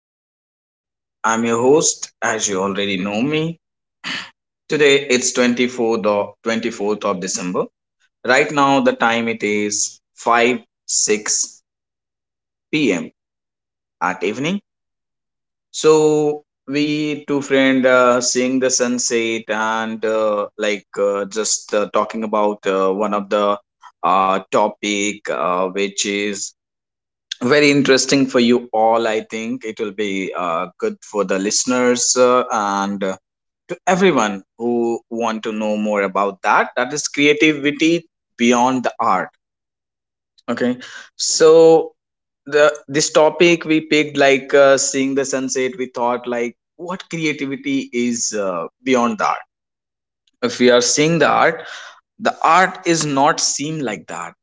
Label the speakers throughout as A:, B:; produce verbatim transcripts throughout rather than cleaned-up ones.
A: folk. I'm your host, as you already know me. Today it's twenty-fourth of, twenty-fourth of December. Right now the time it is five six p m at evening. So we two friend uh, seeing the sunset and uh, like uh, just uh, talking about uh, one of the uh, topic uh, which is very interesting for you all. I think it will be uh, good for the listeners uh, and uh, to everyone who want to know more about that. That is creativity beyond the art. Okay, so the this topic we picked like uh, seeing the sunset. We thought like what creativity is uh, beyond the art. If we are seeing the art, the art is not seen like that.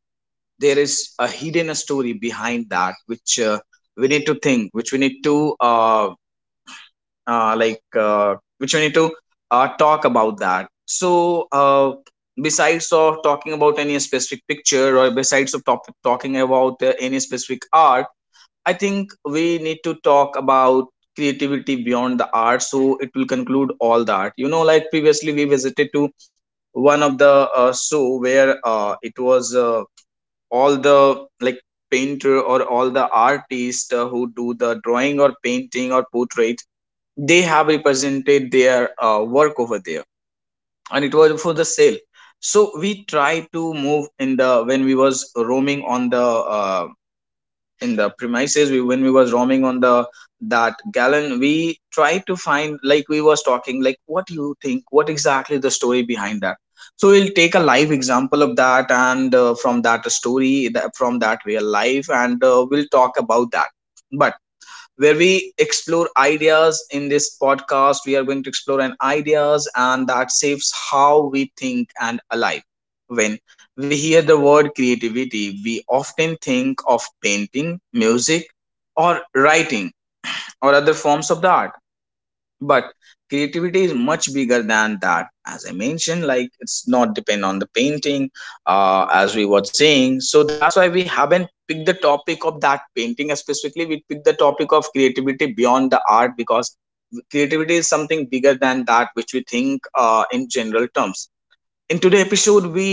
A: There is a hidden story behind that which uh, we need to think, which we need to uh, uh, like uh, which we need to uh, talk about that. So uh, besides of talking about any specific picture, or besides of top- talking about uh, any specific art, I think we need to talk about creativity beyond the art, so it will conclude all that. You know, like previously we visited to one of the uh, show where uh, it was uh, all the like painter or all the artist uh, who do the drawing or painting or portrait. They have represented their uh, work over there and it was for the sale. So we try to move in the when we was roaming on the uh, in the premises we when we was roaming on the that gallon, we tried to find like we was talking like what you think, what exactly the story behind that. So we'll take a live example of that, and uh, from that story that, from that real life, and uh, we'll talk about that. But where we explore ideas in this podcast, we are going to explore an ideas and that shapes how we think and alive. When we hear the word creativity, we often think of painting, music or writing or other forms of the art. But creativity is much bigger than that. As I mentioned, like, it's not depend on the painting, uh, as we were saying. So that's why we haven't picked the topic of that painting specifically. We picked the topic of creativity beyond the art because creativity is something bigger than that which we think uh, in general terms. In today's episode, we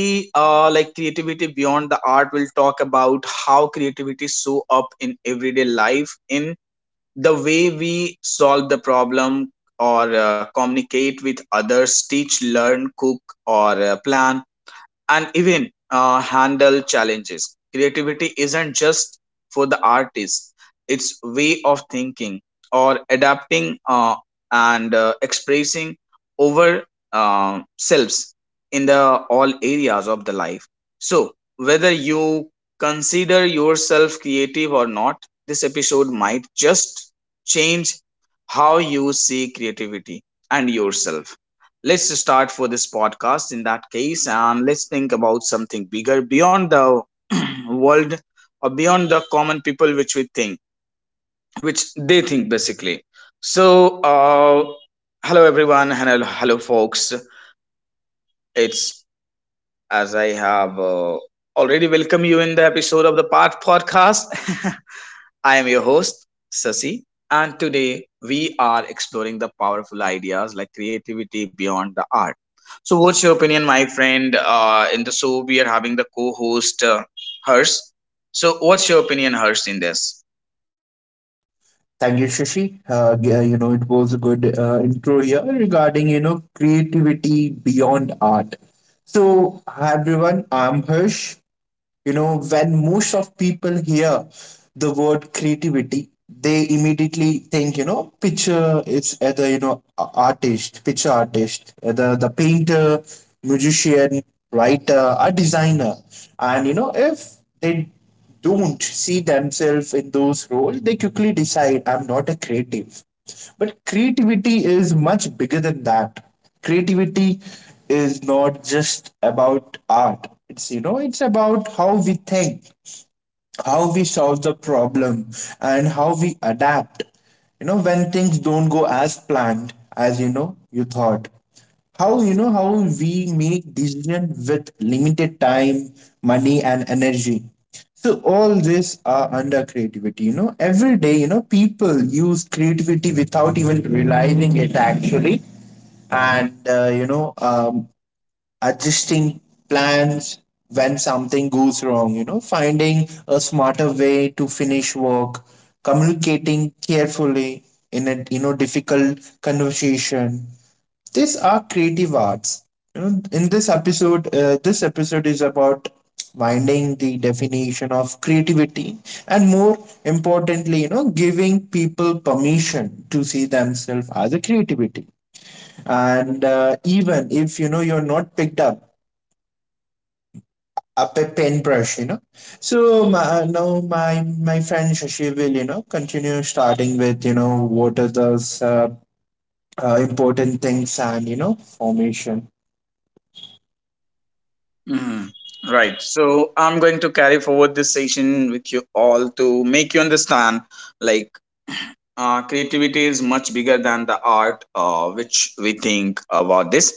A: uh, like creativity beyond the art, will talk about how creativity show up in everyday life, in the way we solve the problem or uh, communicate with others, teach, learn, cook or uh, plan, and even uh, handle challenges. Creativity isn't just for the artist, it's way of thinking or adapting uh, and uh, expressing over uh, selves in the all areas of the life. So whether you consider yourself creative or not, this episode might just change how you see creativity and yourself. Let's start for this podcast in that case, and let's think about something bigger beyond the world or beyond the common people which we think, which they think basically. So uh, hello everyone, and hello, hello folks. It's as I have uh, already welcomed you in the episode of the part podcast. I am your host, Sasi, and today we are exploring the powerful ideas like creativity beyond the art. So, what's your opinion, my friend? Uh, in the show, we are having the co host, uh, Hers. So, what's your opinion, Hers, in this?
B: Thank you, Shashi. Uh, g- uh, you know, it was a good uh, intro here regarding, you know, creativity beyond art. So, hi everyone, I'm Hirsch. You know, when most of people hear the word creativity, they immediately think, you know, picture it's either, you know, a- artist, picture artist, either the painter, musician, writer, a designer. And, you know, if they don't see themselves in those roles, they quickly decide I'm not a creative. But creativity is much bigger than that. Creativity is not just about art. It's you know, it's about how we think, how we solve the problem and how we adapt you know when things don't go as planned as you know you thought how you know how we make decision with limited time money and energy so all this are under creativity you know every day you know people use creativity without even realizing it actually and uh, you know um, adjusting plans when something goes wrong, you know, finding a smarter way to finish work, communicating carefully in a you know difficult conversation. These are creative arts. You know, in this episode, uh, this episode is about finding the definition of creativity and more importantly you know giving people permission to see themselves as a creativity and uh, even if you know you're not picked up up a pen brush, you know. So my, uh, now my my friend Shashi will, you know, continue starting with, you know, what are those uh, uh, important things and, you know, formation.
A: Mhm. Right. So, I'm going to carry forward this session with you all to make you understand like uh, creativity is much bigger than the art uh, which we think about this.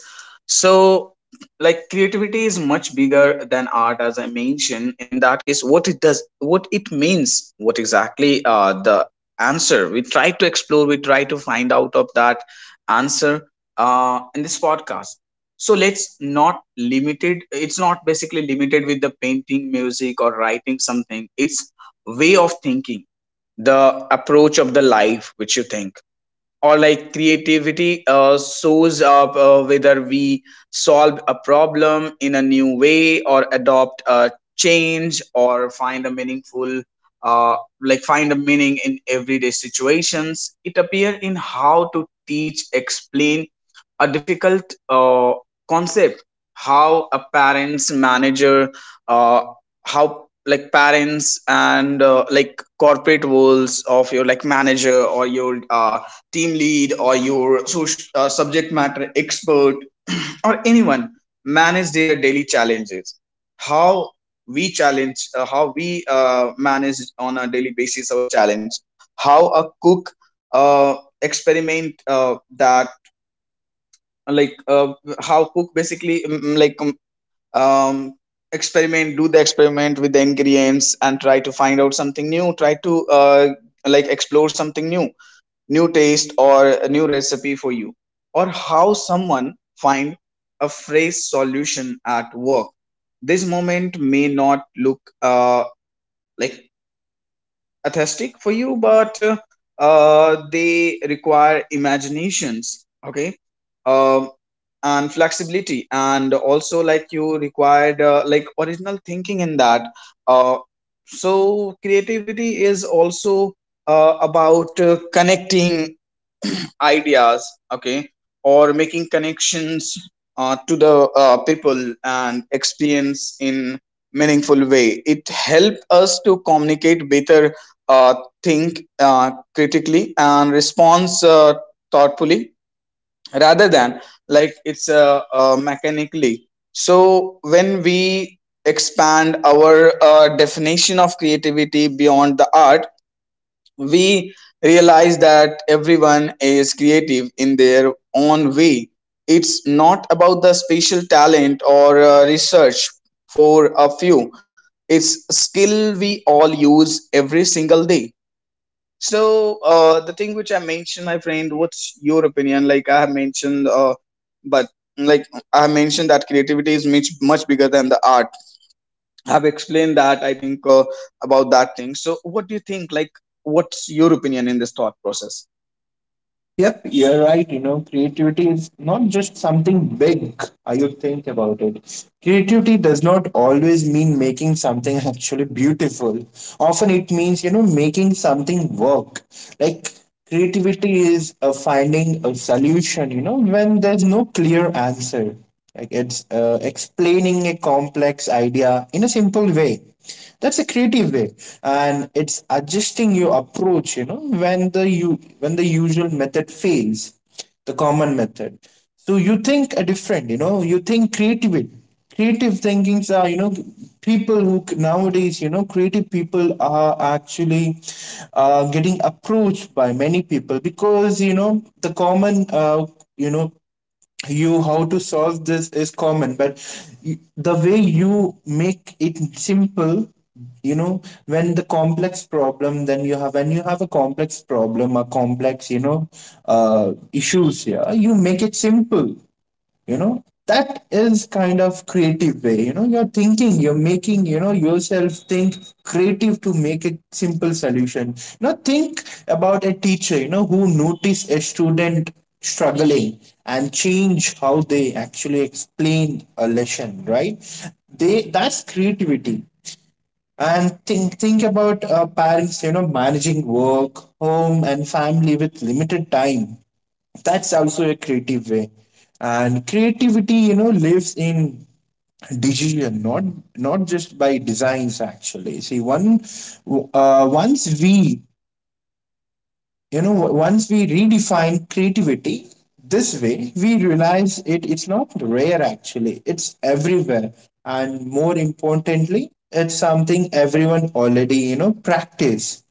A: So like creativity is much bigger than art. As I mentioned, in that case, what it does, what it means, what exactly uh, the answer we try to explore, we try to find out of that answer uh, in this podcast. So let's not limited, it's not basically limited with the painting, music or writing something. It's way of thinking, the approach of the life which you think. Or like creativity uh, shows up uh, whether we solve a problem in a new way, or adopt a change or find a meaningful uh, like find a meaning in everyday situations. It appears in how to teach, explain a difficult uh, concept, how a parents manager uh, how like parents and uh, like corporate worlds of your like manager or your uh, team lead or your soc- uh, subject matter expert or anyone manage their daily challenges, how we challenge, uh, how we uh, manage on a daily basis our challenge, how a cook uh, experiment uh, that like uh, how cook basically mm, mm, like um, um, experiment, do the experiment with the ingredients and try to find out something new, try to uh, like explore something new, new taste or a new recipe for you, or how someone find a phrase solution at work. This moment may not look uh, like aesthetic for you, but uh, uh, they require imaginations, okay, um, and flexibility and also, like, you required uh, like original thinking in that. uh, so creativity is also uh, about uh, connecting ideas, okay, or making connections uh, to the uh, people and experience in meaningful way. It help us to communicate better, uh, think uh, critically and respond uh, thoughtfully, rather than like it's uh, uh, mechanically. So when we expand our uh, definition of creativity beyond the art, we realize that everyone is creative in their own way. It's not about the special talent or uh, research for a few. It's a skill we all use every single day. So uh, the thing which I mentioned, my friend, what's your opinion? Like I have mentioned, uh, but like I have mentioned that creativity is much much bigger than the art. Have explained that, I think, uh, about that thing. So what do you think, like, what's your opinion in this thought process?
B: Yep, you're right. You know, creativity is not just something big. I would think about it. Creativity does not always mean making something actually beautiful. Often it means, you know, making something work. Like creativity is a finding a solution, you know, when there's no clear answer. Like it's uh, explaining a complex idea in a simple way that's a creative way and it's adjusting your approach you know when the you when the usual method fails the common method so you think a different you know you think creative creative thinkings are you know people who c- nowadays you know creative people are actually uh, getting approached by many people because you know the common uh, you know you how to solve this is common but y- the way you make it simple you know when the complex problem then you have when you have a complex problem a complex you know uh, issues here you make it simple you know that is kind of creative way you know you're thinking you're making you know yourself think creative to make a simple solution you know think about a teacher you know who notice a student struggling and change how they actually explain a lesson right they that's creativity and think think about uh, parents you know managing work home and family with limited time that's also a creative way and creativity you know lives in decision not not just by designs actually see one uh, once we you know once we redefine creativity this way we realize it it's not rare actually it's everywhere and more importantly it's something everyone already you know practice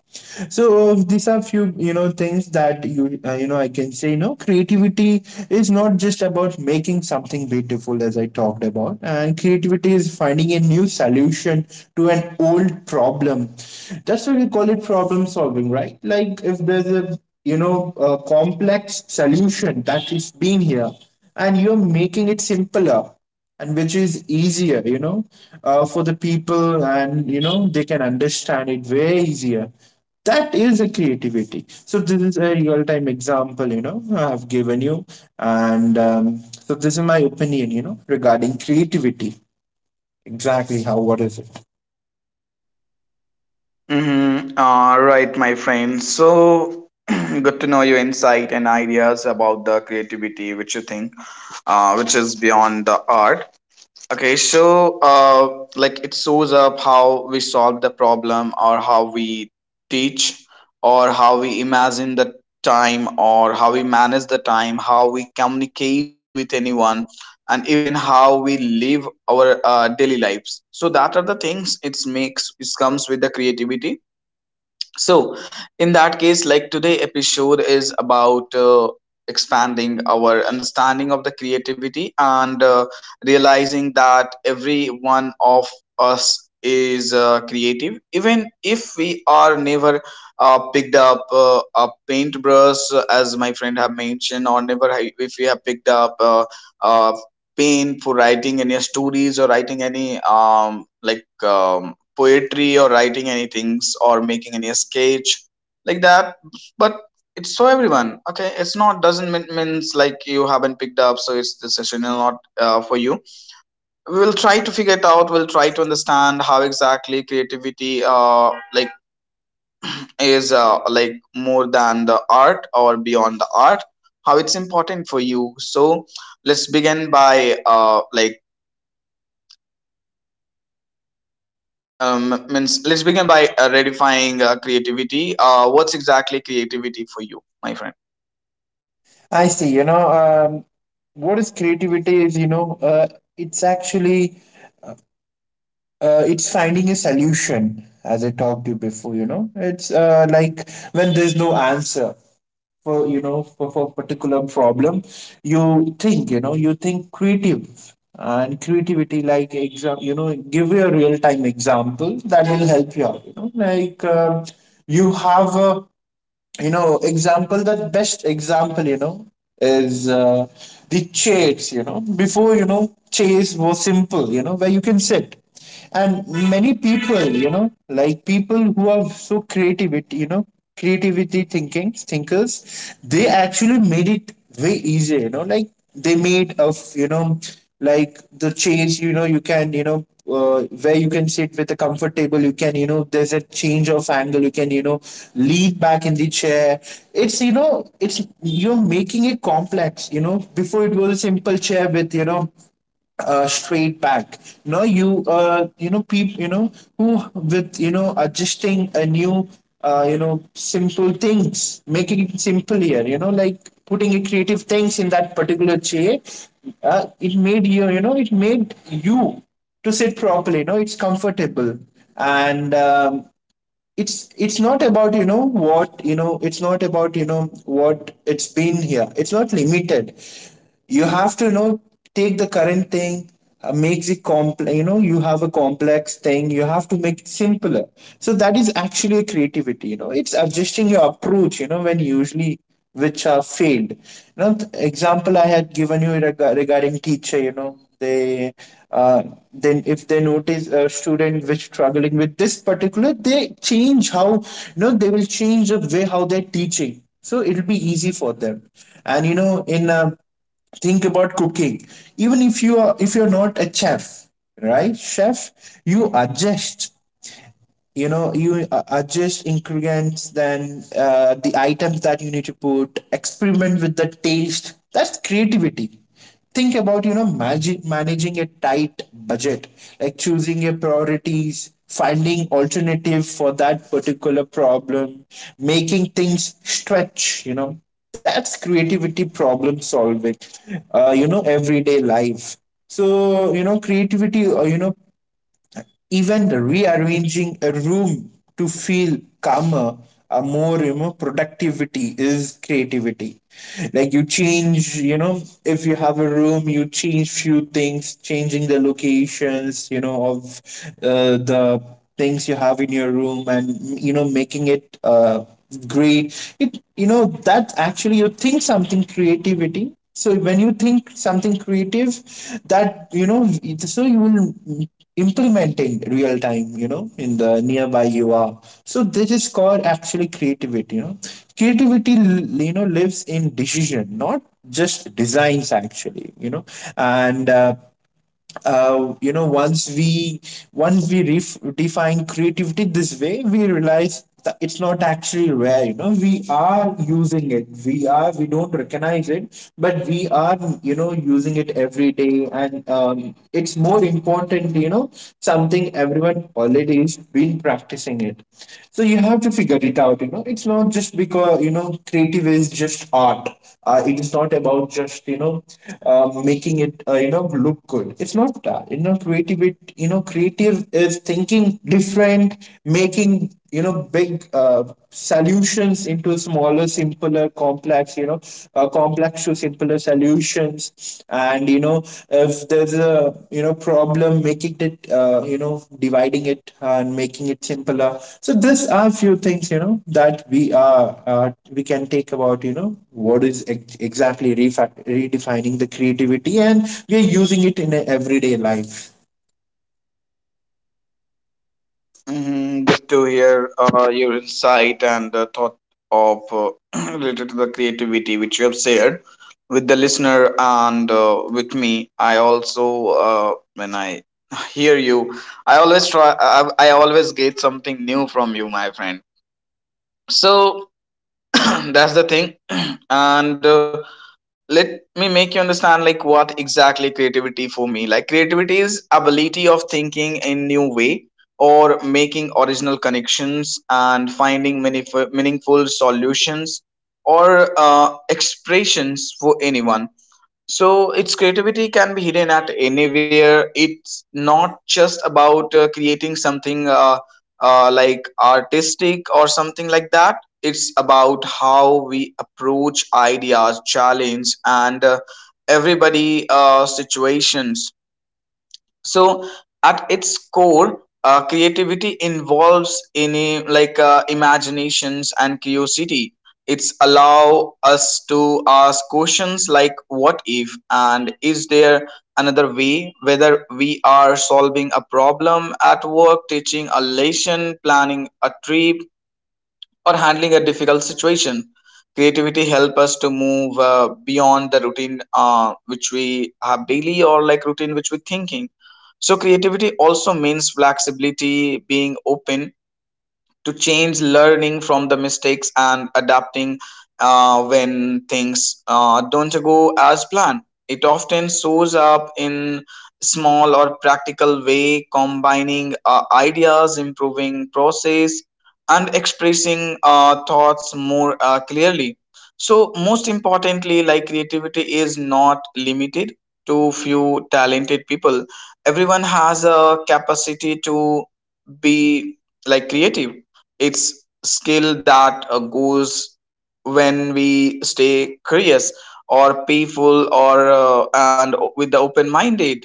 B: so uh, these are few you know things that you uh, you know I can say no creativity is not just about making something beautiful as I talked about and creativity is finding a new solution to an old problem um, that's why we call it problem solving right like if there's a you know a complex solution that is being here and you're making it simpler and which is easier you know uh, for the people and you know they can understand it way easier that is a creativity so this is a real time example you know I've given you and um, so this is my opinion you know regarding creativity exactly how what is it
A: Mm-hmm. All right, my friend. So good to know your insight and ideas about the creativity, which you think, uh, which is beyond the art. Okay, so uh, like it shows up how we solve the problem, or how we teach, or how we imagine the time, or how we manage the time, how we communicate with anyone, and even how we live our uh, daily lives. So that are the things it makes. It comes with the creativity. So, in that case, like, today episode is about uh, expanding our understanding of the creativity and uh, realizing that every one of us is uh, creative, even if we are never uh, picked up uh, a paintbrush, uh, as my friend have mentioned, or never ha- if we have picked up uh, uh, pen for writing any stories or writing any um, like um, poetry or writing any things or making any sketch like that. But it's for everyone, okay. It's not doesn't mean means like you haven't picked up, so it's the session is not uh, for you. We will try to figure it out, we'll try to understand how exactly creativity uh like is uh, like more than the art or beyond the art, how it's important for you. So let's begin by uh like Um, means let's begin by uh, redefining uh, creativity. Uh, what's exactly creativity for you, my friend?
B: I see. You know, um, what is creativity is, you know, uh, it's actually uh, it's finding a solution, as I talked to you before. You know, it's uh, like when there's no answer for you know for, for a particular problem, you think. You know, you think creative and creativity like exam. You know, give you a real time example that will help you out. You know, like um, you have a you know example the best example you know is uh, the chairs you know before you know chairs were simple you know where you can sit and many people you know like people who are so creativity you know creativity thinking thinkers they actually made it way easier you know like they made of you know like the chairs you know you can you know uh, where you can sit with a comfortable you can you know there's a change of angle you can you know lean back in the chair it's you know it's you're making it complex you know before it was a simple chair with you know uh, straight back. No, you uh, you know people you know who with you know adjusting a new uh, you know simple things, making it simpler. You
A: Mm-hmm.
B: know, like putting a creative things in that
A: I
B: particular
A: understand, my
B: chair.
A: friend.
B: Uh,
A: So,
B: it made
A: uh,
B: you you know it made you to sit properly. You know, it's comfortable and. Um, it's it's not about you know what you know it's not about you know what it's been here it's not limited you have to you know take the current thing uh, makes it complex you know you have a complex thing you have to make it simpler so that is actually a creativity you know it's adjusting your approach you know when usually which are failed you know th- example I had given you reg- regarding teacher you know they uh, then if they notice a student which struggling with this particular they change how you know they will change the way how they're teaching so it'll be easy for them and you know in uh, think about cooking even if you are if you're not a chef right chef you adjust you know you uh, adjust ingredients then uh, the items that you need to put experiment with the taste that's creativity think about you know magic managing a tight budget like choosing your priorities finding alternative for that particular problem making things stretch you know that's creativity problem solving uh, you know everyday life so you know creativity uh, you know even rearranging a room to feel calmer or more you know productivity is creativity like you change you know if you have a room you change few things changing the locations you know of uh, the things you have in your room and you know making it uh, great it you know that actually you think something creativity so when you think something creative that you know so you will implementing real time you know in the nearby you are so this is called actually creativity you know creativity l- you know lives in decision not just designs actually you know and uh, uh, you know once we once we ref- define creativity this way we realize that it's not actually rare you know we are using it we are we don't recognize it but we are you know using it every day and um, it's more important you know something everyone already has been practicing it so you have to figure it out, you know. It's not just because, you know, creative is just art. Uh, it is not about just, you know, uh, making it, uh, you know, look good. It's not that. You know, creative, it, you know, creative is thinking different, making, you know, big uh, solutions into smaller, simpler, complex, you know, uh, complex to simpler solutions and you know if there's a you know problem making it uh, you know dividing it and making it simpler so these are few things you know that we are uh, we can take about you know what is ex- exactly refa- redefining the creativity and we're using it in a everyday life
A: mhm, good to hear uh, your insight and uh, thought of uh, related to the creativity which you have shared with the listener and uh, with me. I also, uh, when I hear you, I always try. I, I always get something new from you, my friend. So that's the thing, and. Uh, let me make you understand like what exactly creativity for me. Like creativity is ability of thinking in new way, or making original connections and finding meaningful, meaningful solutions or uh, expressions for anyone. So its creativity can be hidden at anywhere. It's not just about uh, creating something uh, uh, like artistic or something like that. It's about how we approach ideas, challenge, and uh, everybody uh, situations. So at its core, uh, creativity involves in a- like uh, imaginations and curiosity. It's allow us to ask questions like what if and is there another way, whether we are solving a problem at work, teaching a lesson, planning a trip or handling a difficult situation. Creativity help us to move uh, beyond the routine uh, which we have daily, or like routine which we're thinking. So creativity also means flexibility, being open to change, learning from the mistakes and adapting uh, when things uh, don't go as planned. It often shows up in small or practical way, combining uh, ideas, improving process and expressing uh, thoughts more uh, clearly. So most importantly, like, creativity is not limited to few talented people. Everyone has a capacity to be, like, creative. It's skill that uh, goes when we stay curious or playful or uh, and with the open minded,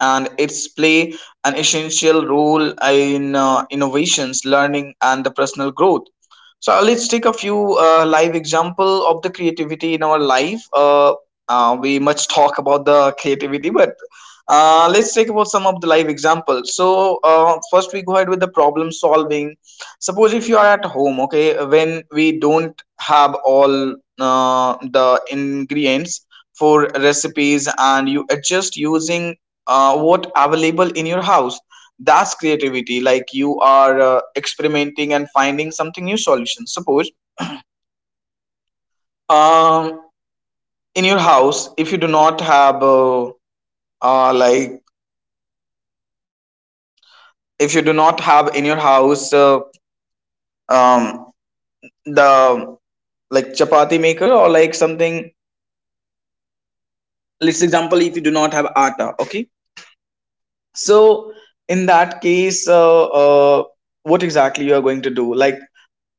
A: and its play an essential role in uh, innovations, learning, and the personal growth. So uh, let's take a few uh, live example of the creativity in our life. Uh, uh, we much talk about the creativity, but uh, let's take about some of the live examples. So uh, first, we go ahead with the problem solving. Suppose if you are at home, okay, when we don't have all uh, the ingredients for recipes and you adjust using uh, what available in your house, that's creativity. Like you are uh, experimenting and finding something new solution. Suppose um, in your house if you do not have uh, uh, like, if you do not have in your house uh, um, the, like, chapati maker or like something. Let's example, if you do not have atta, okay. So in that case, uh, uh, what exactly you are going to do? Like,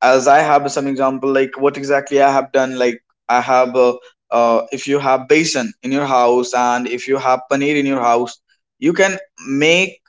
A: as I have some example, like what exactly I have done. Like I have, uh, uh, if you have basin in your house and if you have paneer in your house, you can make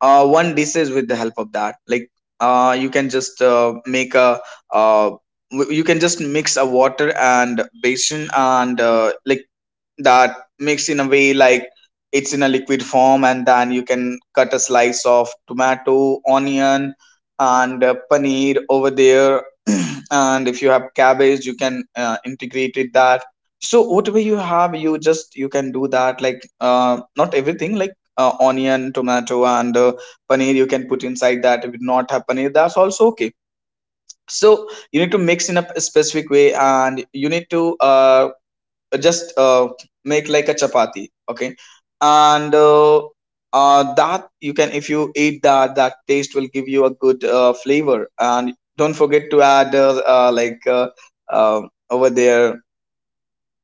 A: uh, one dishes with the help of that. Like uh, you can just uh, make a uh, w- you can just mix a water and basin and uh, like that mixed in a way like it's in a liquid form, and then you can cut a slice of tomato, onion and uh, paneer over there. And if you have cabbage, you can uh, integrate it that. So whatever you have, you just, you can do that. Like uh, not everything, like uh, onion, tomato and uh, paneer you can put inside that. If you not have paneer, that's also okay. So you need to mix in a p- specific way and you need to uh, just uh, make like a chapati, okay. And uh, uh, that you can, if you eat that, that taste will give you a good uh, flavor. And don't forget to add uh, uh, like, uh, uh, over there,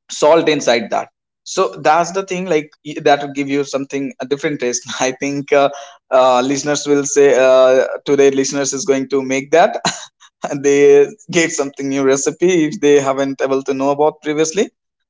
A: salt inside that. So that's the thing. Like, y- that will give you something a different taste. I think uh, uh, listeners will say uh, today listeners is going to make that. And they gave something new recipe if they haven't able to know about previously.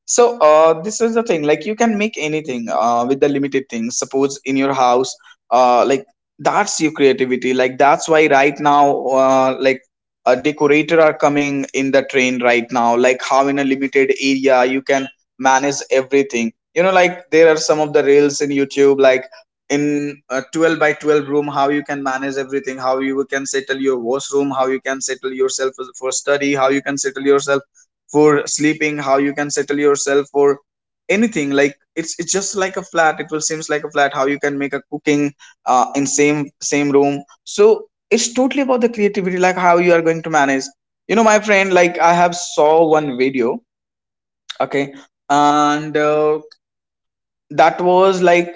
A: So uh, this is the thing. Like, you can make anything uh, with the limited things suppose in your house. Uh, like, that's your creativity. Like, that's why right now, uh, like, a decorator are coming in the train right now. Like, how in a limited area you can manage everything, you know. Like there are some of the reels in YouTube, like in a twelve by twelve room how you can manage everything, how you can settle your washroom, how you can settle yourself for study, how you can settle yourself for sleeping, how you can settle yourself for anything. Like it's it's just like a flat, it will seems like a flat, how you can make a cooking uh, in same same room. So it's totally about the creativity, like how you are going to manage, you know. My friend, like, I have saw one video, okay. And uh, that was like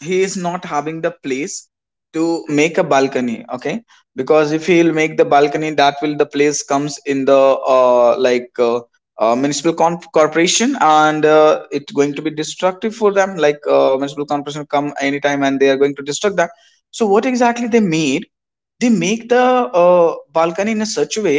A: he is not having the place to make a balcony, okay. Because if he'll make the balcony, that will the place comes in the uh, like uh, uh, municipal con- corporation, and uh, it's going to be destructive for them. Like uh, municipal corporation come anytime and they are going to destruct that. So what exactly they made, they make the uh, balcony in a such a way,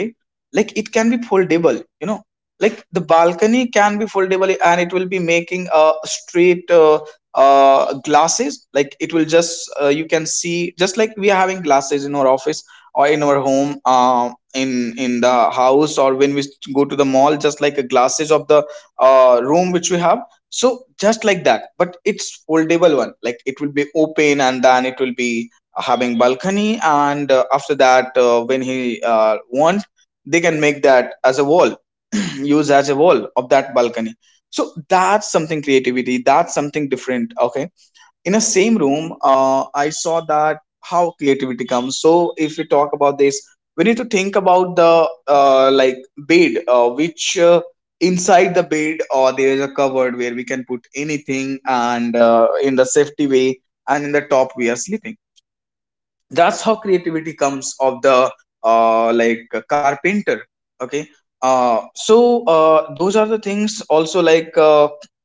A: like it can be foldable, you know. Like the balcony can be foldable and it will be making a uh, straight uh, uh, glasses. Like it will just uh, you can see, just like we are having glasses in our office or in our home, uh, in in the house, or when we go to the mall, just like a glasses of the uh, room which we have. So just like that, but it's foldable one. Like it will be open and then it will be having balcony, and uh, after that, uh, when he uh, want, they can make that as a wall. Use as a wall of that balcony. So that's something creativity, that's something different, okay. In a same room, uh, I saw that how creativity comes. So if we talk about this, we need to think about the uh, like bed, uh, which uh, inside the bed, or there is a cupboard where we can put anything and uh, in the safety way, and in the top we are sleeping. That's how creativity comes of the uh, like a carpenter, okay. Uh, so uh, those are the things also. Like uh,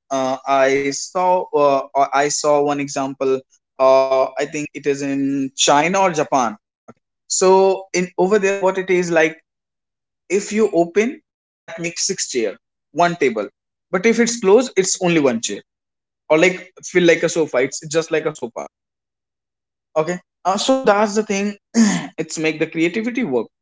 A: uh, I saw uh, uh, I saw one example. uh, I think it is in China or Japan, okay. So in over there, what it is like, if you open that makes six chair, one table, but if it's closed, it's only one chair, or like feel like a sofa, it's just like a sofa. Okay. Uh, so that's the thing. It's make the creativity work.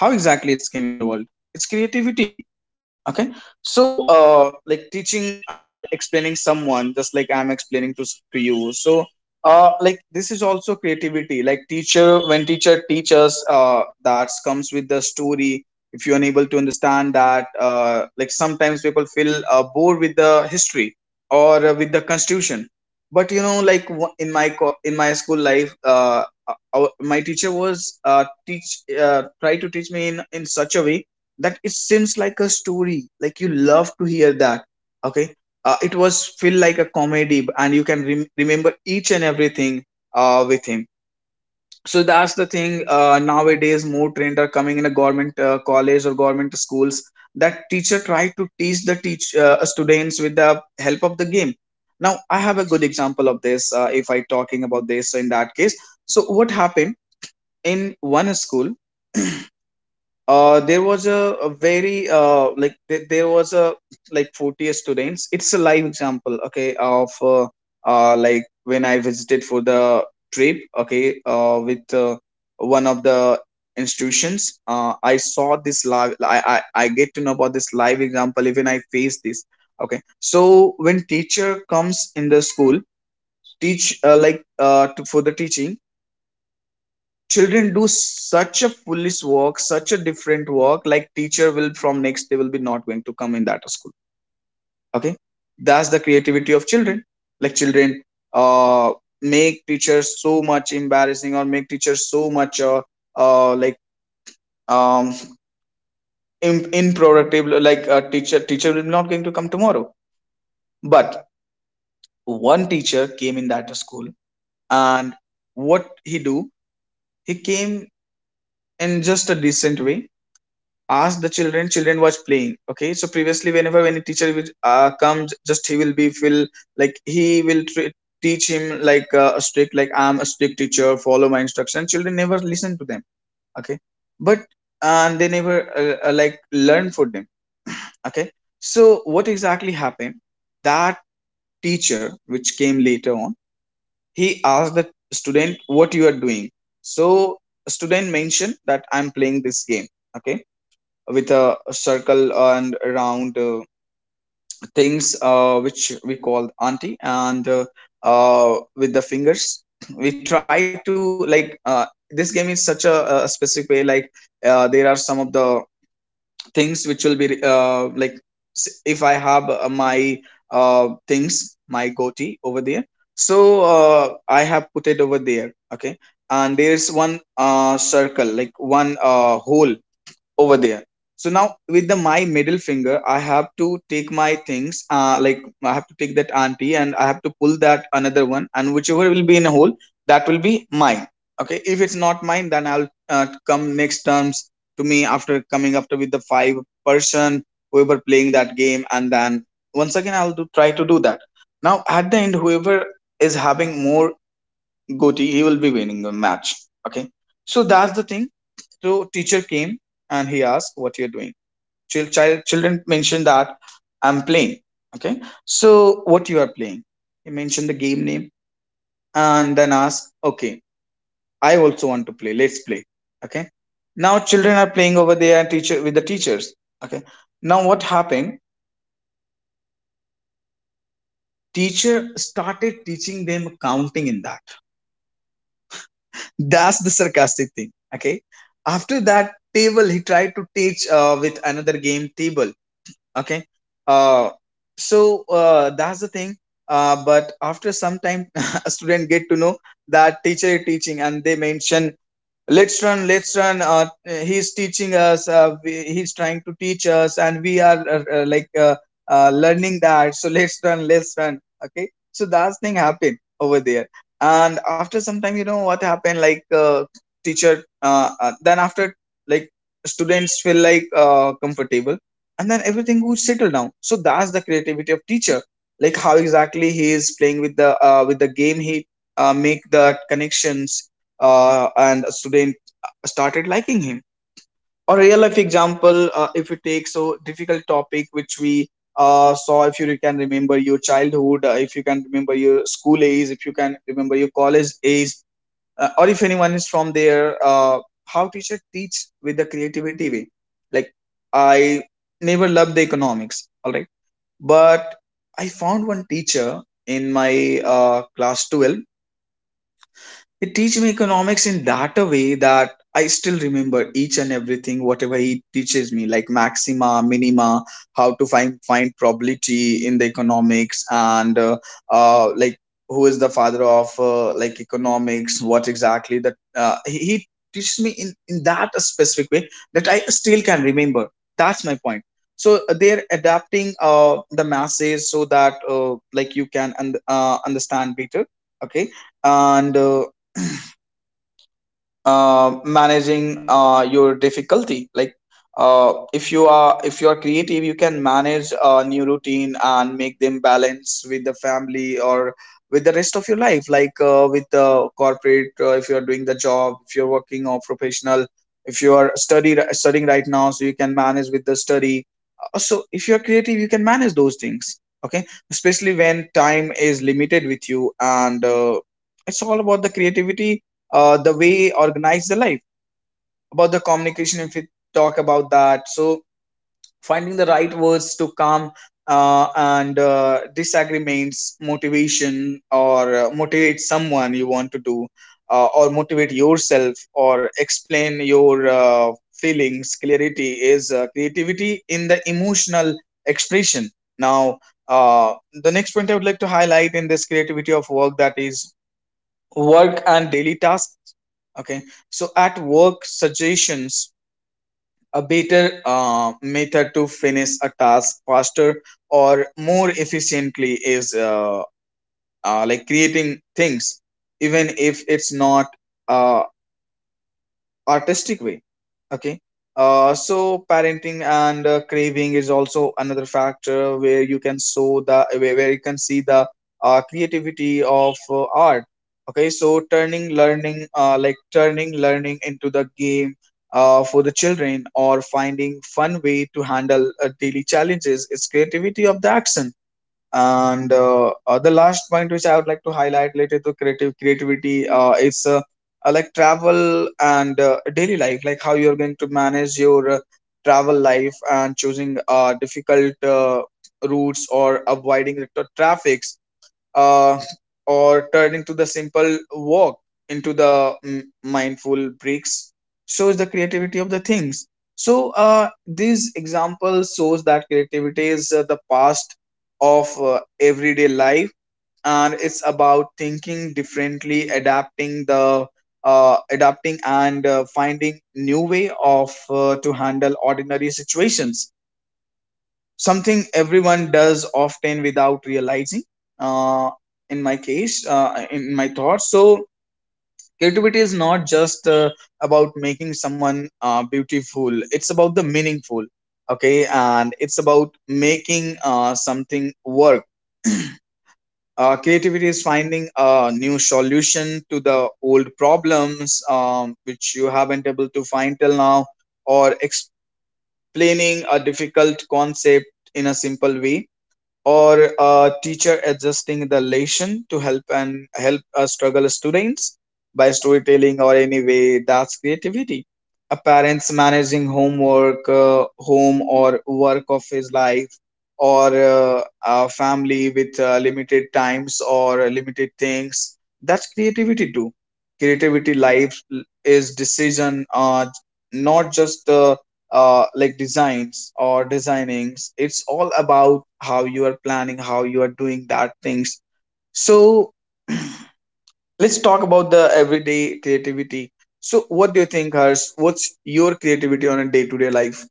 A: How exactly it's came in the world, it's creativity, okay. So, uh like, teaching and explaining someone, just like I'm explaining to, to you. So uh like, this is also creativity. Like teacher, when teacher teaches, uh that comes with the story. If you're unable to understand that, uh like, sometimes people feel uh, bored with the history or uh, with the constitution. But you know, like, w- in my co- in my school life, uh uh, our, my teacher was uh, teach uh, try to teach me in in such a way that it seems like a story, like you love to hear that, okay. Uh, it was feel like a comedy, and you can rem- remember each and everything uh, with him. So that's the thing. Uh, nowadays, more trend are coming in a government uh, college or government schools, that teacher try to teach the teach uh, students with the help of the game. Now I have a good example of this. Uh, if I talking about this, so in that case, so what happened. In one school, uh, there was a, a very uh, like, there, there was a like forty students. It's a live example, okay, of uh, uh, like when I visited for the trip, okay, uh, with uh, one of the institutions. uh, I saw this live. I, I I get to know about this live example, even I face this, okay. So when teacher comes in the school, teach uh, like uh, to, for the teaching, children do such a foolish work, such a different work, like teacher will, from next, they will be not going to come in that school. Okay, that's the creativity of children. Like children, uh, make teachers so much embarrassing, or make teachers so much uh, uh like um in, improductive. Like a teacher, teacher will not going to come tomorrow. But one teacher came in that school, and what he do? He came in just a decent way, ask the children. Children was playing, okay. So previously, whenever any teacher will uh, come, just he will be feel like he will tre- teach him like uh, a strict, like, I'm a strict teacher, follow my instruction. Children never listen to them, okay. But and they never uh, uh, like learn for them, okay. So what exactly happened, that teacher which came later on, he asked the student, what you are doing. So student mentioned that I'm playing this game, okay, with a circle and round uh, things uh, which we called auntie, and uh, uh, with the fingers. We try to like, uh, this game is such a, a specific way, like uh, there are some of the things which will be uh, like s- if I have uh, my uh, things, my goatee over there. So uh, I have put it over there, okay. And there is one uh, circle, like one uh, hole over there. So now with the my middle finger, I have to take my things, uh, like I have to take that auntie and I have to pull that another one, and whichever will be in a hole, that will be mine. Okay, if it's not mine, then I'll uh, come next terms to me after coming after with the five person whoever playing that game, and then once again I'll do, try to do that. Now at the end, whoever is having more goatee, he will be winning the match. Okay, so that's the thing so teacher came and he asked what you're doing. Chil- child, children mentioned that I'm playing. Okay. So what you are playing? He mentioned the game name and then asked, okay, I also want to play. Let's play. Okay. Now children are playing over there teacher with the teachers. Okay. Now what happened? Teacher started teaching them counting in that. That's the sarcastic thing. Okay. After that table, he tried to teach uh, with another game table. Okay. Uh, so uh, that's the thing. Uh, but after some time, a student get to know that teacher is teaching, and they mention let's run let's run uh, He's teaching us uh, we, he's trying to teach us and we are uh, uh, like uh, uh, learning that, so let's run let's run Okay, so that thing happened over there, and after some time, you know what happened? Like uh, teacher, uh, uh, then after, like, students feel like uh, comfortable, and then everything would settle down. So that's the creativity of teacher, like how exactly he is playing with the uh, with the game. He uh, make the connections, uh, and a student started liking him. A real life example, uh, if we take so difficult topic which we uh, saw, if you can remember your childhood, uh, if you can remember your school age, if you can remember your college age, uh, or if anyone is from there, uh, how teacher teach with the creativity way. Like, I never loved the economics, all right, but I found one teacher in my uh, class twelve. He teach me economics in that a way that I still remember each and everything, whatever he teaches me, like maxima, minima, how to find find probability in the economics, and uh, uh, like who is the father of uh, like economics, what exactly that uh, he, he teaches me in in that specific way that I still can remember. That's my point. So uh, they're adapting uh, the masses so that uh, like you can un- uh, understand better. Okay, and uh, uh, managing uh, your difficulty, like uh, if you are if you are creative, you can manage a new routine and make them balance with the family or with the rest of your life, like uh, with the corporate. Uh, if you are doing the job, if you're working or professional, if you are study studying right now, so you can manage with the study. Uh, so if you're creative, you can manage those things, okay, especially when time is limited with you, and uh, it's all about the creativity, uh, the way organize the life. About the communication, if we talk about that, so finding the right words to calm uh, and uh, disagreements, motivation, or uh, motivate someone you want to do, uh, or motivate yourself or explain your uh, feelings clarity is uh, creativity in the emotional expression. Now, uh, the next point I would like to highlight in this creativity of work, that is work and daily tasks. Okay. So at work suggestions, a better uh, method to finish a task faster or more efficiently is uh, uh, like creating things, even if it's not uh, artistic way. Okay. Uh, so parenting and uh, craving is also another factor where you can show the where where you can see the uh, creativity of uh, art. Okay. So turning learning uh, like turning learning into the game uh, for the children, or finding fun way to handle uh, daily challenges is creativity of the action. And uh, uh, the last point which I would like to highlight related to creative creativity uh, is uh, uh, like travel and uh, daily life, like how you're going to manage your uh, travel life, and choosing uh, difficult uh, routes or avoiding the tra- traffic, uh, or turning to the simple walk into the mm, mindful breaks shows the creativity of the things. So uh, these examples shows that creativity is uh, the past of uh, everyday life, and it's about thinking differently, adapting the uh, adapting and uh, finding new way of uh, to handle ordinary situations, something everyone does often without realizing. uh, in my case, uh, in my thoughts, so creativity is not just uh, about making someone uh, beautiful, it's about the meaningful. Okay, and it's about making uh, something work. Uh, creativity is finding a new solution to the old problems, um, which you haven't able to find till now, or explaining a difficult concept in a simple way, or a teacher adjusting the lesson to help and help a struggle students by storytelling or any way, that's creativity. A parents managing homework, uh, home or work of his life, or uh, a family with uh, limited times or limited things, that's creativity too. Creativity life is decision, uh, not just the uh, like designs or designings. It's all about how you are planning, how you are doing that things. So let's talk about the everyday creativity. So what do you think, Harsh? What's your creativity on a day-to-day life?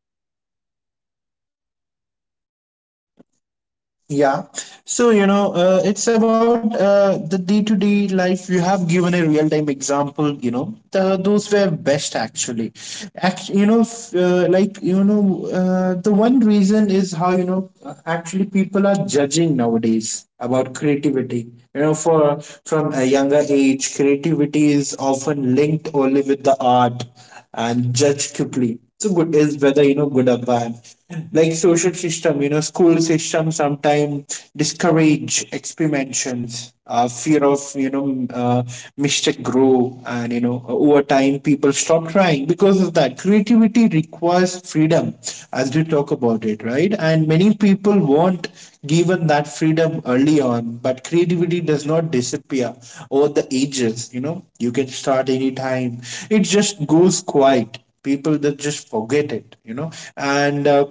B: Yeah. So, you know, uh, it's about uh, the day to day life. You have given a real time example, you know, the, those were best actually. Act, you know, f- uh, like, you know, uh, the one reason is how, you know, uh, actually people are judging nowadays about creativity. You know, for from a younger age, creativity is often linked only with the art and judge quickly. So good is whether you know good or bad. Like social system, you know, school system sometimes discourage experimentations, uh, fear of you know uh, mistake grow, and you know over time people stop trying because of that. Creativity requires requires freedom as we talk about it, right? And many people weren't given that freedom early on, but creativity does not disappear over the ages. You know, you can start anytime, it just goes quiet. People that just forget it, you know, and uh,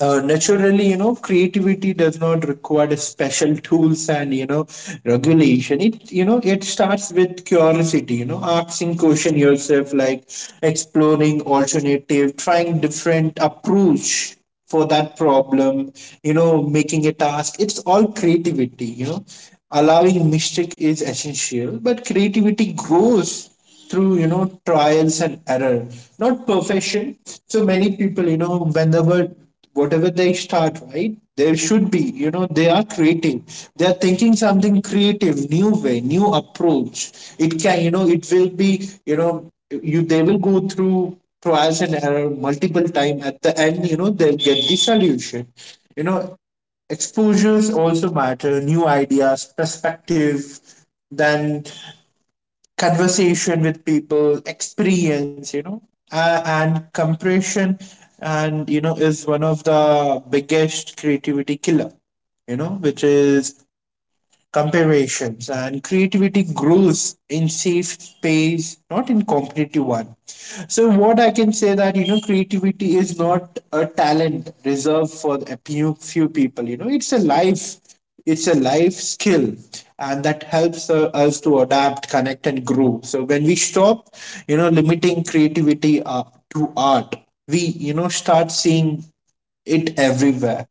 B: uh, naturally, you know, creativity does not require the special tools and you know regulation. It you know it starts with curiosity. You know, asking question yourself, like exploring alternative, trying different approach for that problem. You know, making a task. It's all creativity. You know, allowing mistake is essential, but creativity grows through you know trials and error not perfection so many people you know whenever whatever they start right they should be you know they are creative they are thinking something creative new way new approach it can you know it will be you know you they will go through trials and error multiple time at the end you know they'll get the solution you know exposures also matter new ideas perspective then conversation with people experience you know uh, and compression and you know is one of the biggest creativity killer you know which is comparisons and creativity grows in safe space not in competitive one so what I can say that you know creativity is not a talent reserved for a few few people you know it's a life it's a life skill and that helps uh, us to adapt connect and grow so when we stop you know limiting creativity uh, to art we you know start seeing it everywhere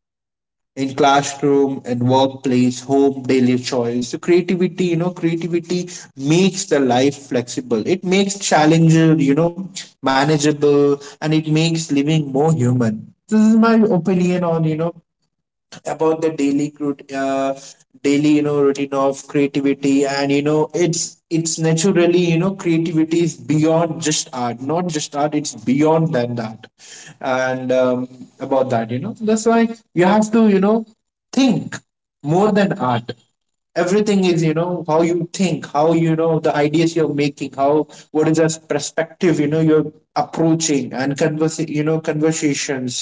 B: in classroom in workplace home daily choice so creativity you know creativity makes the life flexible it makes challenges you know manageable and it makes living more human this is my opinion on you know about the daily crut- uh, daily you know routine of creativity and you know it's it's naturally you know creativity is beyond just art not just art it's beyond than that and um, about that you know that's why you have to you know think more than art everything is you know how you think how you know the ideas you're making how what is the perspective you know you're approaching and converse you know conversations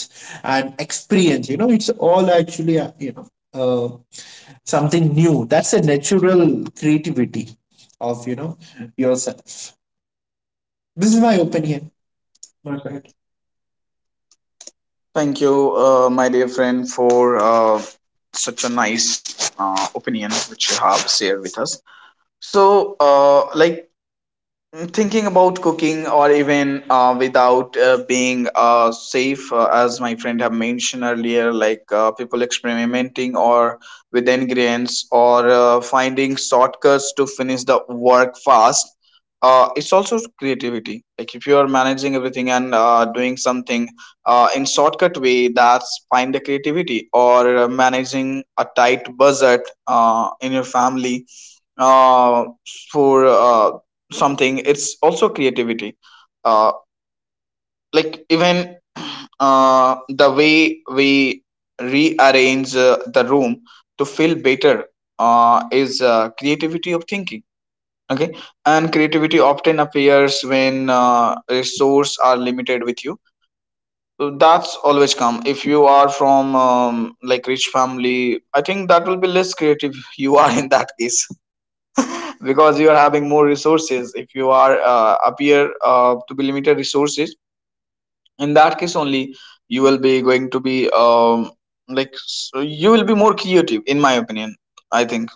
B: and experience you know it's all actually uh, you know uh, something new that's a natural creativity of you know yourself this is my opinion my bad
A: Thank you, uh, my dear friend, for uh, such a nice uh, opinion which you have shared with us. So, uh, like thinking about cooking, or even uh, without uh, being uh, safe, uh, as my friend have mentioned earlier, like uh, people experimenting or with ingredients, or uh, finding shortcuts to finish the work fast, uh, it's also creativity. Like, if you are managing everything and uh, doing something uh, in shortcut way, that's find the creativity, or uh, managing a tight budget uh, in your family uh, for uh, something, it's also creativity, uh, like even uh, the way we rearrange uh, the room to feel better uh, is uh, creativity of thinking. Okay. And creativity often appears when uh, resources are limited with you. So that's always come. If you are from, um, like, rich family, I think that will be less creative you are in that case, because you are having more resources. If you are uh, appear uh, to be limited resources, in that case only, you will be going to be um, like, so you will be more creative, in my opinion, I think.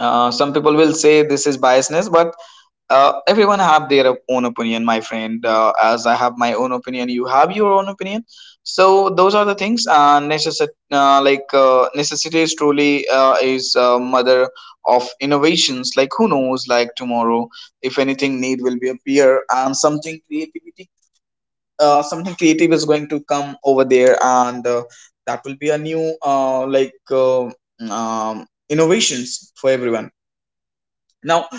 A: uh, Some people will say this is biasness, but uh, everyone have their own opinion, my friend. Uh, as I have my own opinion, you have your own opinion. So those are the things. And necessi- uh, like uh, necessity is truly uh, is uh, mother of innovations. Like, who knows? Like, tomorrow, if anything need will be appear and something creativity, uh, something creative is going to come over there, and uh, that will be a new uh, like uh, um, innovations for everyone. Now,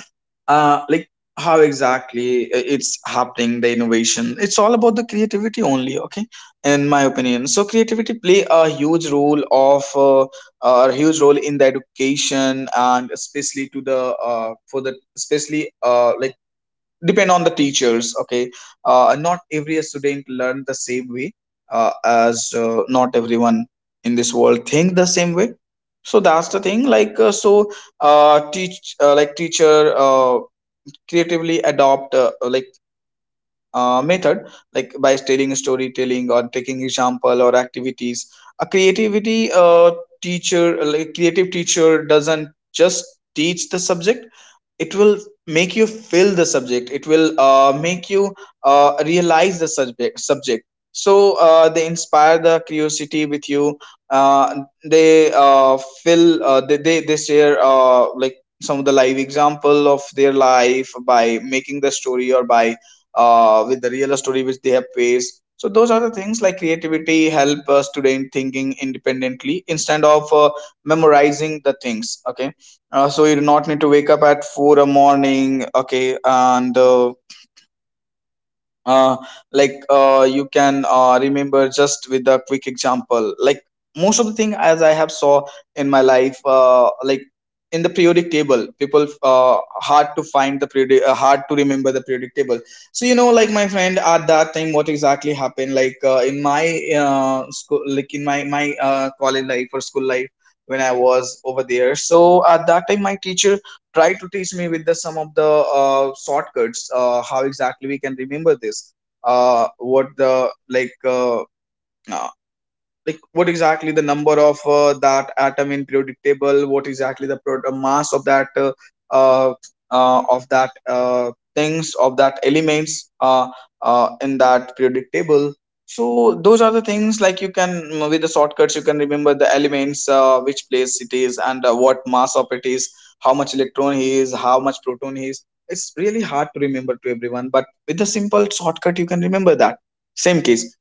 A: uh like how exactly it's happening, the innovation, it's all about the creativity only. Okay. In my opinion, so creativity play a huge role of uh, a huge role in the education, and especially to the uh, for the especially uh, like depend on the teachers. Okay. Uh, not every student learn the same way, uh, as uh, not everyone in this world think the same way. So that's the thing. Like uh, so uh, teach uh, like teacher uh, creatively adopt uh, like uh, method, like by telling storytelling, or taking example or activities. A creativity uh, teacher like creative teacher doesn't just teach the subject, it will make you feel the subject, it will uh, make you uh, realize the subject subject So uh, they inspire the curiosity with you. Uh, they uh, fill uh, they, they they share uh, like some of the live example of their life by making the story, or by uh, with the real story which they have faced. So those are the things, like creativity help a student thinking independently instead of uh, memorizing the things. Okay. Uh, so you do not need to wake up at four a morning, okay, and uh, uh, like uh, you can uh, remember just with a quick example. Like, most of the thing as I have saw in my life, uh, like, in the periodic table, people uh, hard to find the periodic, uh, hard to remember the periodic table. So you know, like, my friend, at that time, what exactly happened? Like uh, in my uh, school, like in my my uh, college life or school life when I was over there. So at that time, my teacher try to teach me with the some of the uh, shortcuts. Uh, how exactly we can remember this, uh, what the, like uh, like what exactly the number of uh, that atom in periodic table, what exactly the pro- uh, mass of that, uh, uh, uh, of that, uh, things of that elements, uh, uh, in that periodic table. So those are the things, like, you can, mm, with the shortcuts, you can remember the elements, uh, which place it is, and uh, what mass of it is, how much electron he is, how much proton he is. It's really hard to remember to everyone, but with the simple shortcut you can remember that. Same case,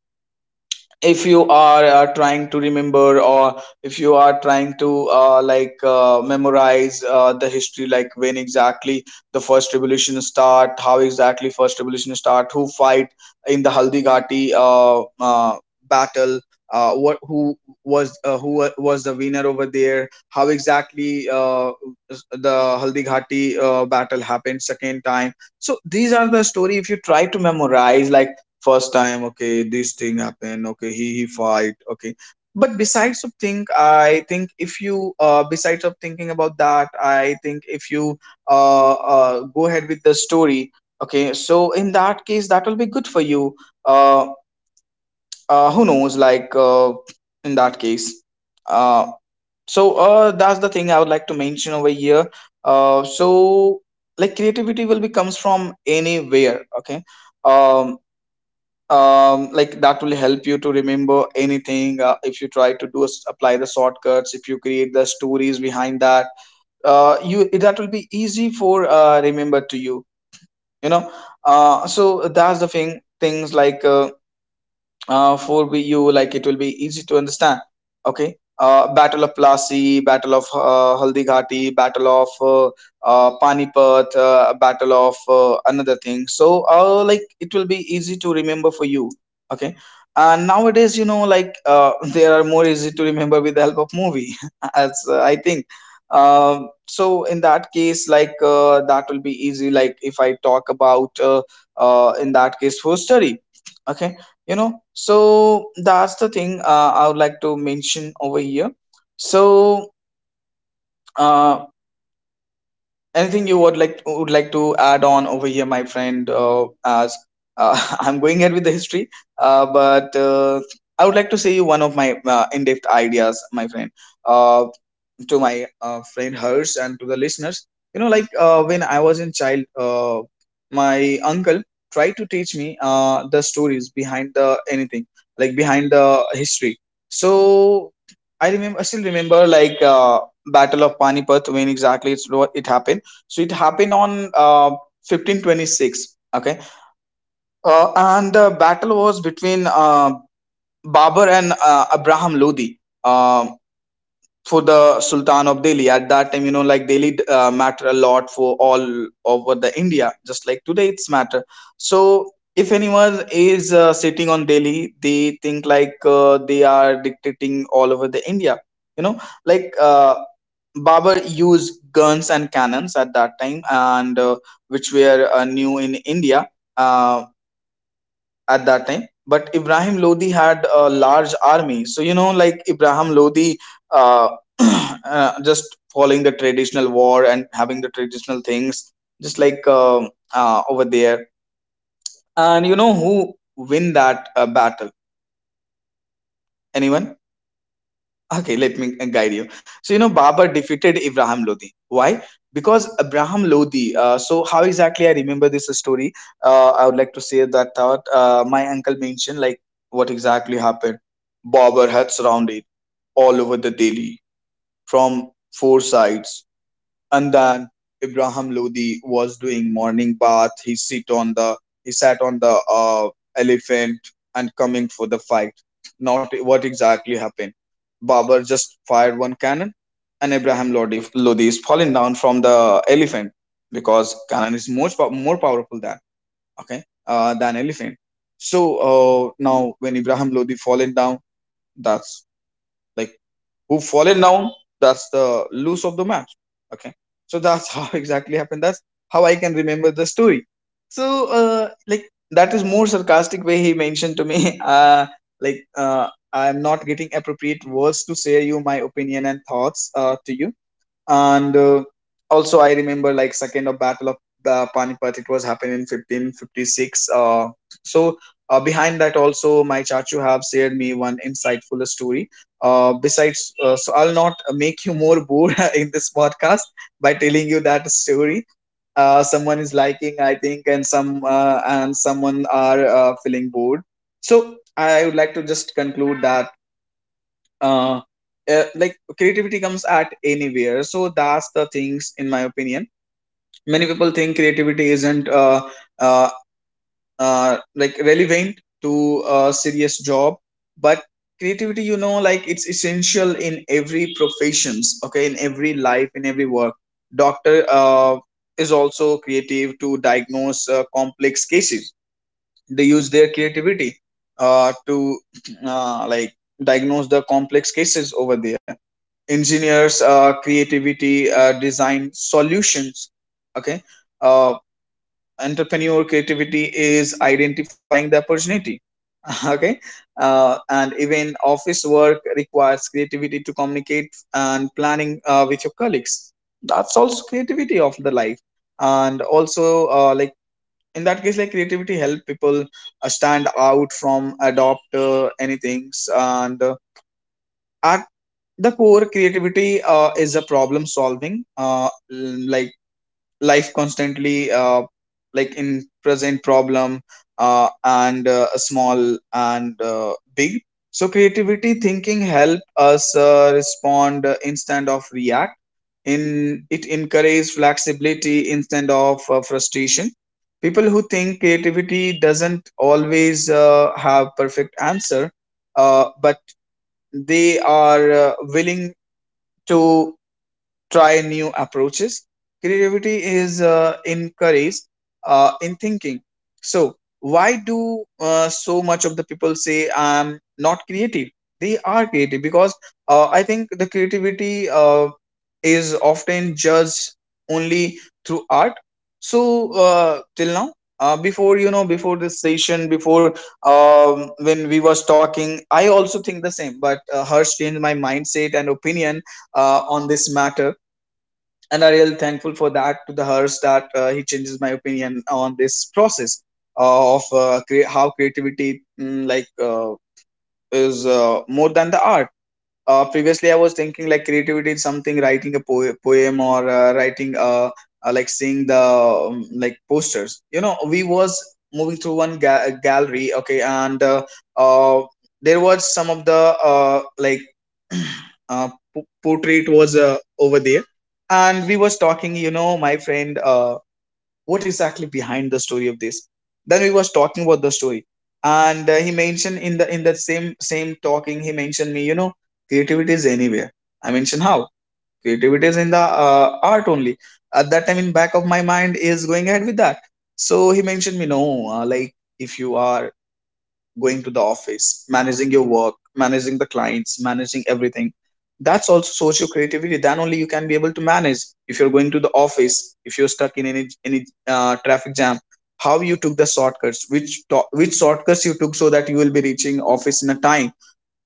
A: if you are uh, trying to remember, or if you are trying to uh, like uh, memorize uh, the history, like when exactly the first revolution start, how exactly first revolution start, who fight in the haldi ghati uh, uh, battle, uh, what, who was uh, who wa- was the winner over there, how exactly uh, the haldi ghati uh, battle happened second time. So these are the story. If you try to memorize, like, first time, okay, this thing happened, okay, he he fight, okay. But besides of think, I think if you, uh besides of thinking about that, I think if you uh, uh go ahead with the story, okay, so in that case that will be good for you. uh, uh who knows, like, uh in that case. uh so uh that's the thing I would like to mention over here. uh so like, creativity will be comes from anywhere, okay. um um like, that will help you to remember anything. Uh, if you try to do s- apply the shortcuts, if you create the stories behind that, uh you, that will be easy for uh remember to you, you know. Uh so that's the thing things like, uh, uh, for we- you, like, it will be easy to understand, okay. Uh, battle of Plassey, battle of uh, Haldighati, battle of uh, uh, Panipat, uh, battle of uh, another thing. So uh, like, it will be easy to remember for you, okay. And nowadays, you know, like, uh, they are more easy to remember with the help of movie as uh, I think. Um, so in that case, like, uh, that will be easy, like, if I talk about uh, uh, in that case, for study, okay. You know, so that's the thing uh, I would like to mention over here. So uh, anything you would like would like to add on over here, my friend? Uh, as uh, I'm going ahead with the history, uh, but uh, I would like to say you one of my uh, in-depth ideas, my friend, uh, to my uh, friend Hers and to the listeners. You know, like, uh, when I was in child, uh, my uncle tried to teach me uh, the stories behind the anything, like behind the history. So I remember, I still remember, like, uh, Battle of Panipat, when exactly it's what it happened. So it happened on uh, fifteen twenty-six. Okay, uh, and the battle was between uh, Babur and uh, Abraham Lodi. Um for the Sultan of Delhi. At that time, you know, like, Delhi uh, matter a lot for all over the India, just like today it's matter. So if anyone is uh, sitting on Delhi, they think like uh, they are dictating all over the India. You know, like uh, Babur used guns and cannons at that time, and uh, which were uh, new in India. Uh, at that time, but Ibrahim Lodi had a large army. So you know, like, Ibrahim Lodi uh, uh, just following the traditional war and having the traditional things, just like um uh, over there. And you know who win that uh, battle? Anyone? Okay, let me guide you. So, you know, Babur defeated Ibrahim Lodi. Why? Because Abraham Lodi. Uh, so, how exactly I remember this story? Uh, I would like to say that thought. Uh, my uncle mentioned like what exactly happened. Babur had surrounded all over the Delhi from four sides. And then Ibrahim Lodi was doing morning bath. He sit on the he sat on the uh, elephant and coming for the fight. Not what exactly happened. Babar just fired one cannon, and Ibrahim Lodi, Lodi is falling down from the elephant, because cannon is much pow- more powerful than, okay, uh, than elephant. So uh, now when Ibrahim Lodi fallen down, that's, like, who fallen down, that's the lose of the match, okay. So that's how exactly happened. That's how I can remember the story. So uh, like, that is more sarcastic way he mentioned to me uh, Like, uh, I'm not getting appropriate words to say you my opinion and thoughts uh, to you. And uh, also I remember, like, second of battle of uh, Panipat, it was happened in fifteen fifty-six. uh, so uh, Behind that also my chachu have shared me one insightful story, uh, besides. Uh, so I'll not make you more bored in this podcast by telling you that story. Uh, someone is liking, I think, and some uh, and someone are uh, feeling bored. So I would like to just conclude that uh, uh, like, creativity comes at anywhere. So that's the things in my opinion. Many people think creativity isn't uh, uh, uh, like, relevant to a serious job, but creativity, you know, like, it's essential in every professions, okay, in every life, in every work. Doctor uh, is also creative to diagnose uh, complex cases. They use their creativity uh, to uh, like, diagnose the complex cases over there. Engineers uh, creativity uh, design solutions, okay. uh, Entrepreneur creativity is identifying the opportunity. Okay. Uh, and even office work requires creativity to communicate and planning uh, with your colleagues. That's also creativity of the life. And also uh, like, in that case, like, creativity help people uh, stand out from adopt uh, anything. And uh, at the core, creativity uh, is a problem solving, uh, l- like, life constantly uh, like, in present problem, uh, and uh, a small and uh, big. So creativity thinking help us uh, respond uh, instead of react. In it encourages flexibility instead of uh, frustration. People who think creativity doesn't always uh, have perfect answer, uh, but they are uh, willing to try new approaches. Creativity is uh, encouraged uh, in thinking. So, why do uh, so much of the people say I'm not creative? They are creative because uh, I think the creativity uh, is often judged only through art. So, uh, till now, uh, before, you know, before this session, before, um, when we was talking, I also think the same. But uh, Harsh changed my mindset and opinion uh, on this matter, and are really thankful for that to the hers, that uh, he changes my opinion on this process uh, of uh, crea- how creativity, mm, like, uh, is uh, more than the art. Uh, previously, I was thinking, like, creativity is something writing a po- poem, or uh, writing uh, uh, like, seeing the, um, like, posters. You know, we was moving through one ga- gallery, okay, and uh, uh, there was some of the uh, like, uh, po- portrait was uh, over there, and we was talking. You know, my friend. Uh, what exactly behind the story of this? Then we was talking about the story. And uh, he mentioned in the, in that same same talking, he mentioned me, you know, creativity is anywhere. I mentioned how creativity is in the uh, art only. At that time, in back of my mind is going ahead with that. So he mentioned me, no, uh, like, if you are going to the office, managing your work, managing the clients, managing everything. That's also source your creativity. Then only you can be able to manage. If you're going to the office, if you're stuck in any any uh, traffic jam, how you took the shortcuts, which to- which shortcuts you took, so that you will be reaching office in a time.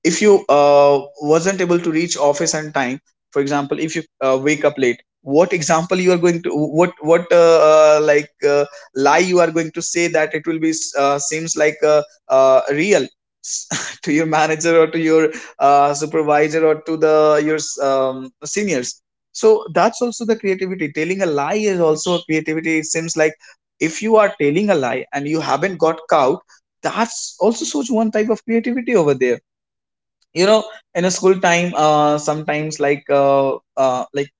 A: If you uh, wasn't able to reach office on time, for example, if you uh, wake up late, what example you are going to, what what uh, uh, like uh, lie you are going to say, that it will be uh, seems like uh, uh, real to your manager, or to your uh, supervisor, or to the your, um, seniors. So that's also the creativity. Telling a lie is also a creativity, it seems like. If you are telling a lie and you haven't got caught, that's also such one type of creativity over there, you know. In a school time, uh sometimes, like, uh, uh like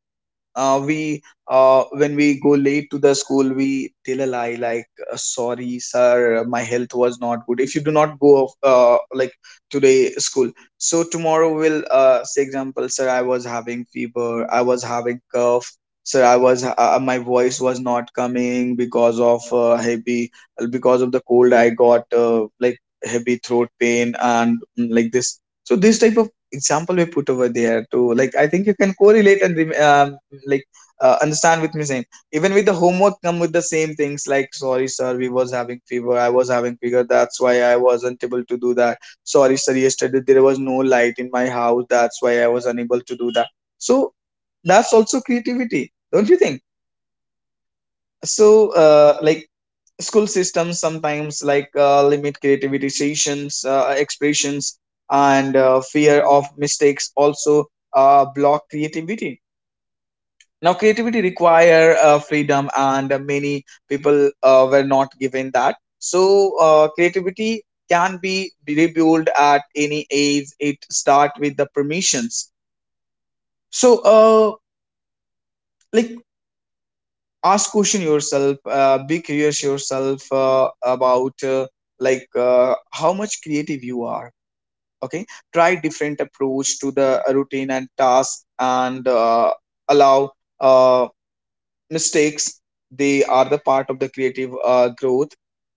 A: uh, we uh, when we go late to the school, we tell a lie, like, uh, sorry sir, my health was not good. If you do not go of- uh, like, today school, so tomorrow we'll uh, say, example, sir, I was having fever, I was having cough, sir, I was uh, uh, my voice was not coming because of uh, heavy, uh, because of the cold, I got uh, like, heavy throat pain, and mm, like this. So this type of example we put over there to, like, I think you can correlate and rem- um, like, uh, understand with me, same. Even with the homework come with the same things, like, sorry sir, we was having fever, I was having fever, that's why I wasn't able to do that. Sorry sir, yesterday there was no light in my house, that's why I was unable to do that. So that's also creativity, don't you think? So uh, like, school systems sometimes, like, uh, limit creativity sessions, uh, expressions, and uh, fear of mistakes also uh, block creativity. Now creativity require uh, freedom, and uh, many people uh, were not given that. So uh, creativity can be rebuilt at any age. It start with the permissions. So uh, like, ask question yourself, uh, be curious yourself uh, about uh, like uh, how much creative you are, okay. Try different approach to the routine and task, and uh, allow uh, mistakes. They are the part of the creative uh, growth.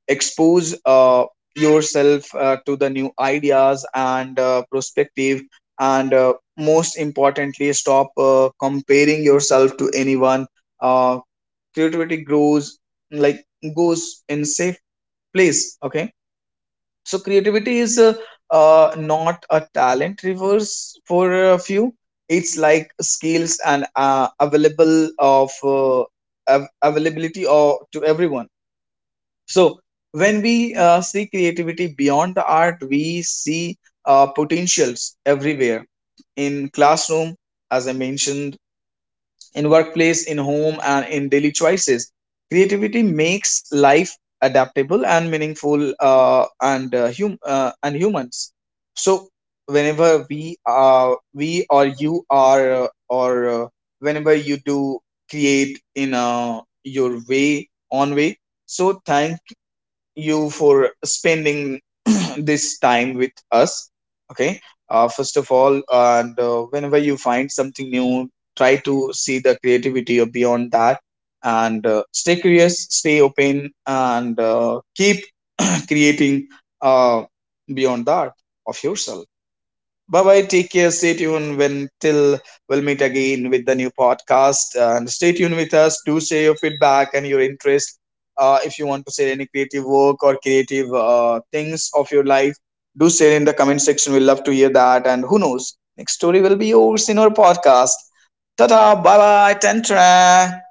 A: Expose uh, yourself uh, to the new ideas and uh, perspective. And uh, most importantly, stop uh, comparing yourself to anyone. Uh, Creativity grows, like, goes in safe place, okay. So creativity is uh, uh, not a talent reverse for a few. It's like skills, and uh, available of uh, av- availability, or to everyone. So when we uh, see creativity beyond the art, we see uh, potentials everywhere. In classroom, as I mentioned, in workplace, in home, and in daily choices. Creativity makes life adaptable and meaningful, uh, and uh, hum- uh, and humans. So whenever we uh, we or you are uh, or uh, whenever you do create in uh, your way, on way. So thank you for spending this time with us. Okay. Uh, first of all, and uh, whenever you find something new, try to see the creativity beyond that, and uh, stay curious, stay open, and uh, keep creating uh, beyond that, of yourself. Bye bye. Take care. Stay tuned, when till we'll meet again with the new podcast. And stay tuned with us. Do share your feedback and your interest. Uh, if you want to share any creative work or creative uh, things of your life, do share in the comment section. We love to hear that. And who knows, next story will be yours in our podcast. Ta ta. Bye bye. Tantra.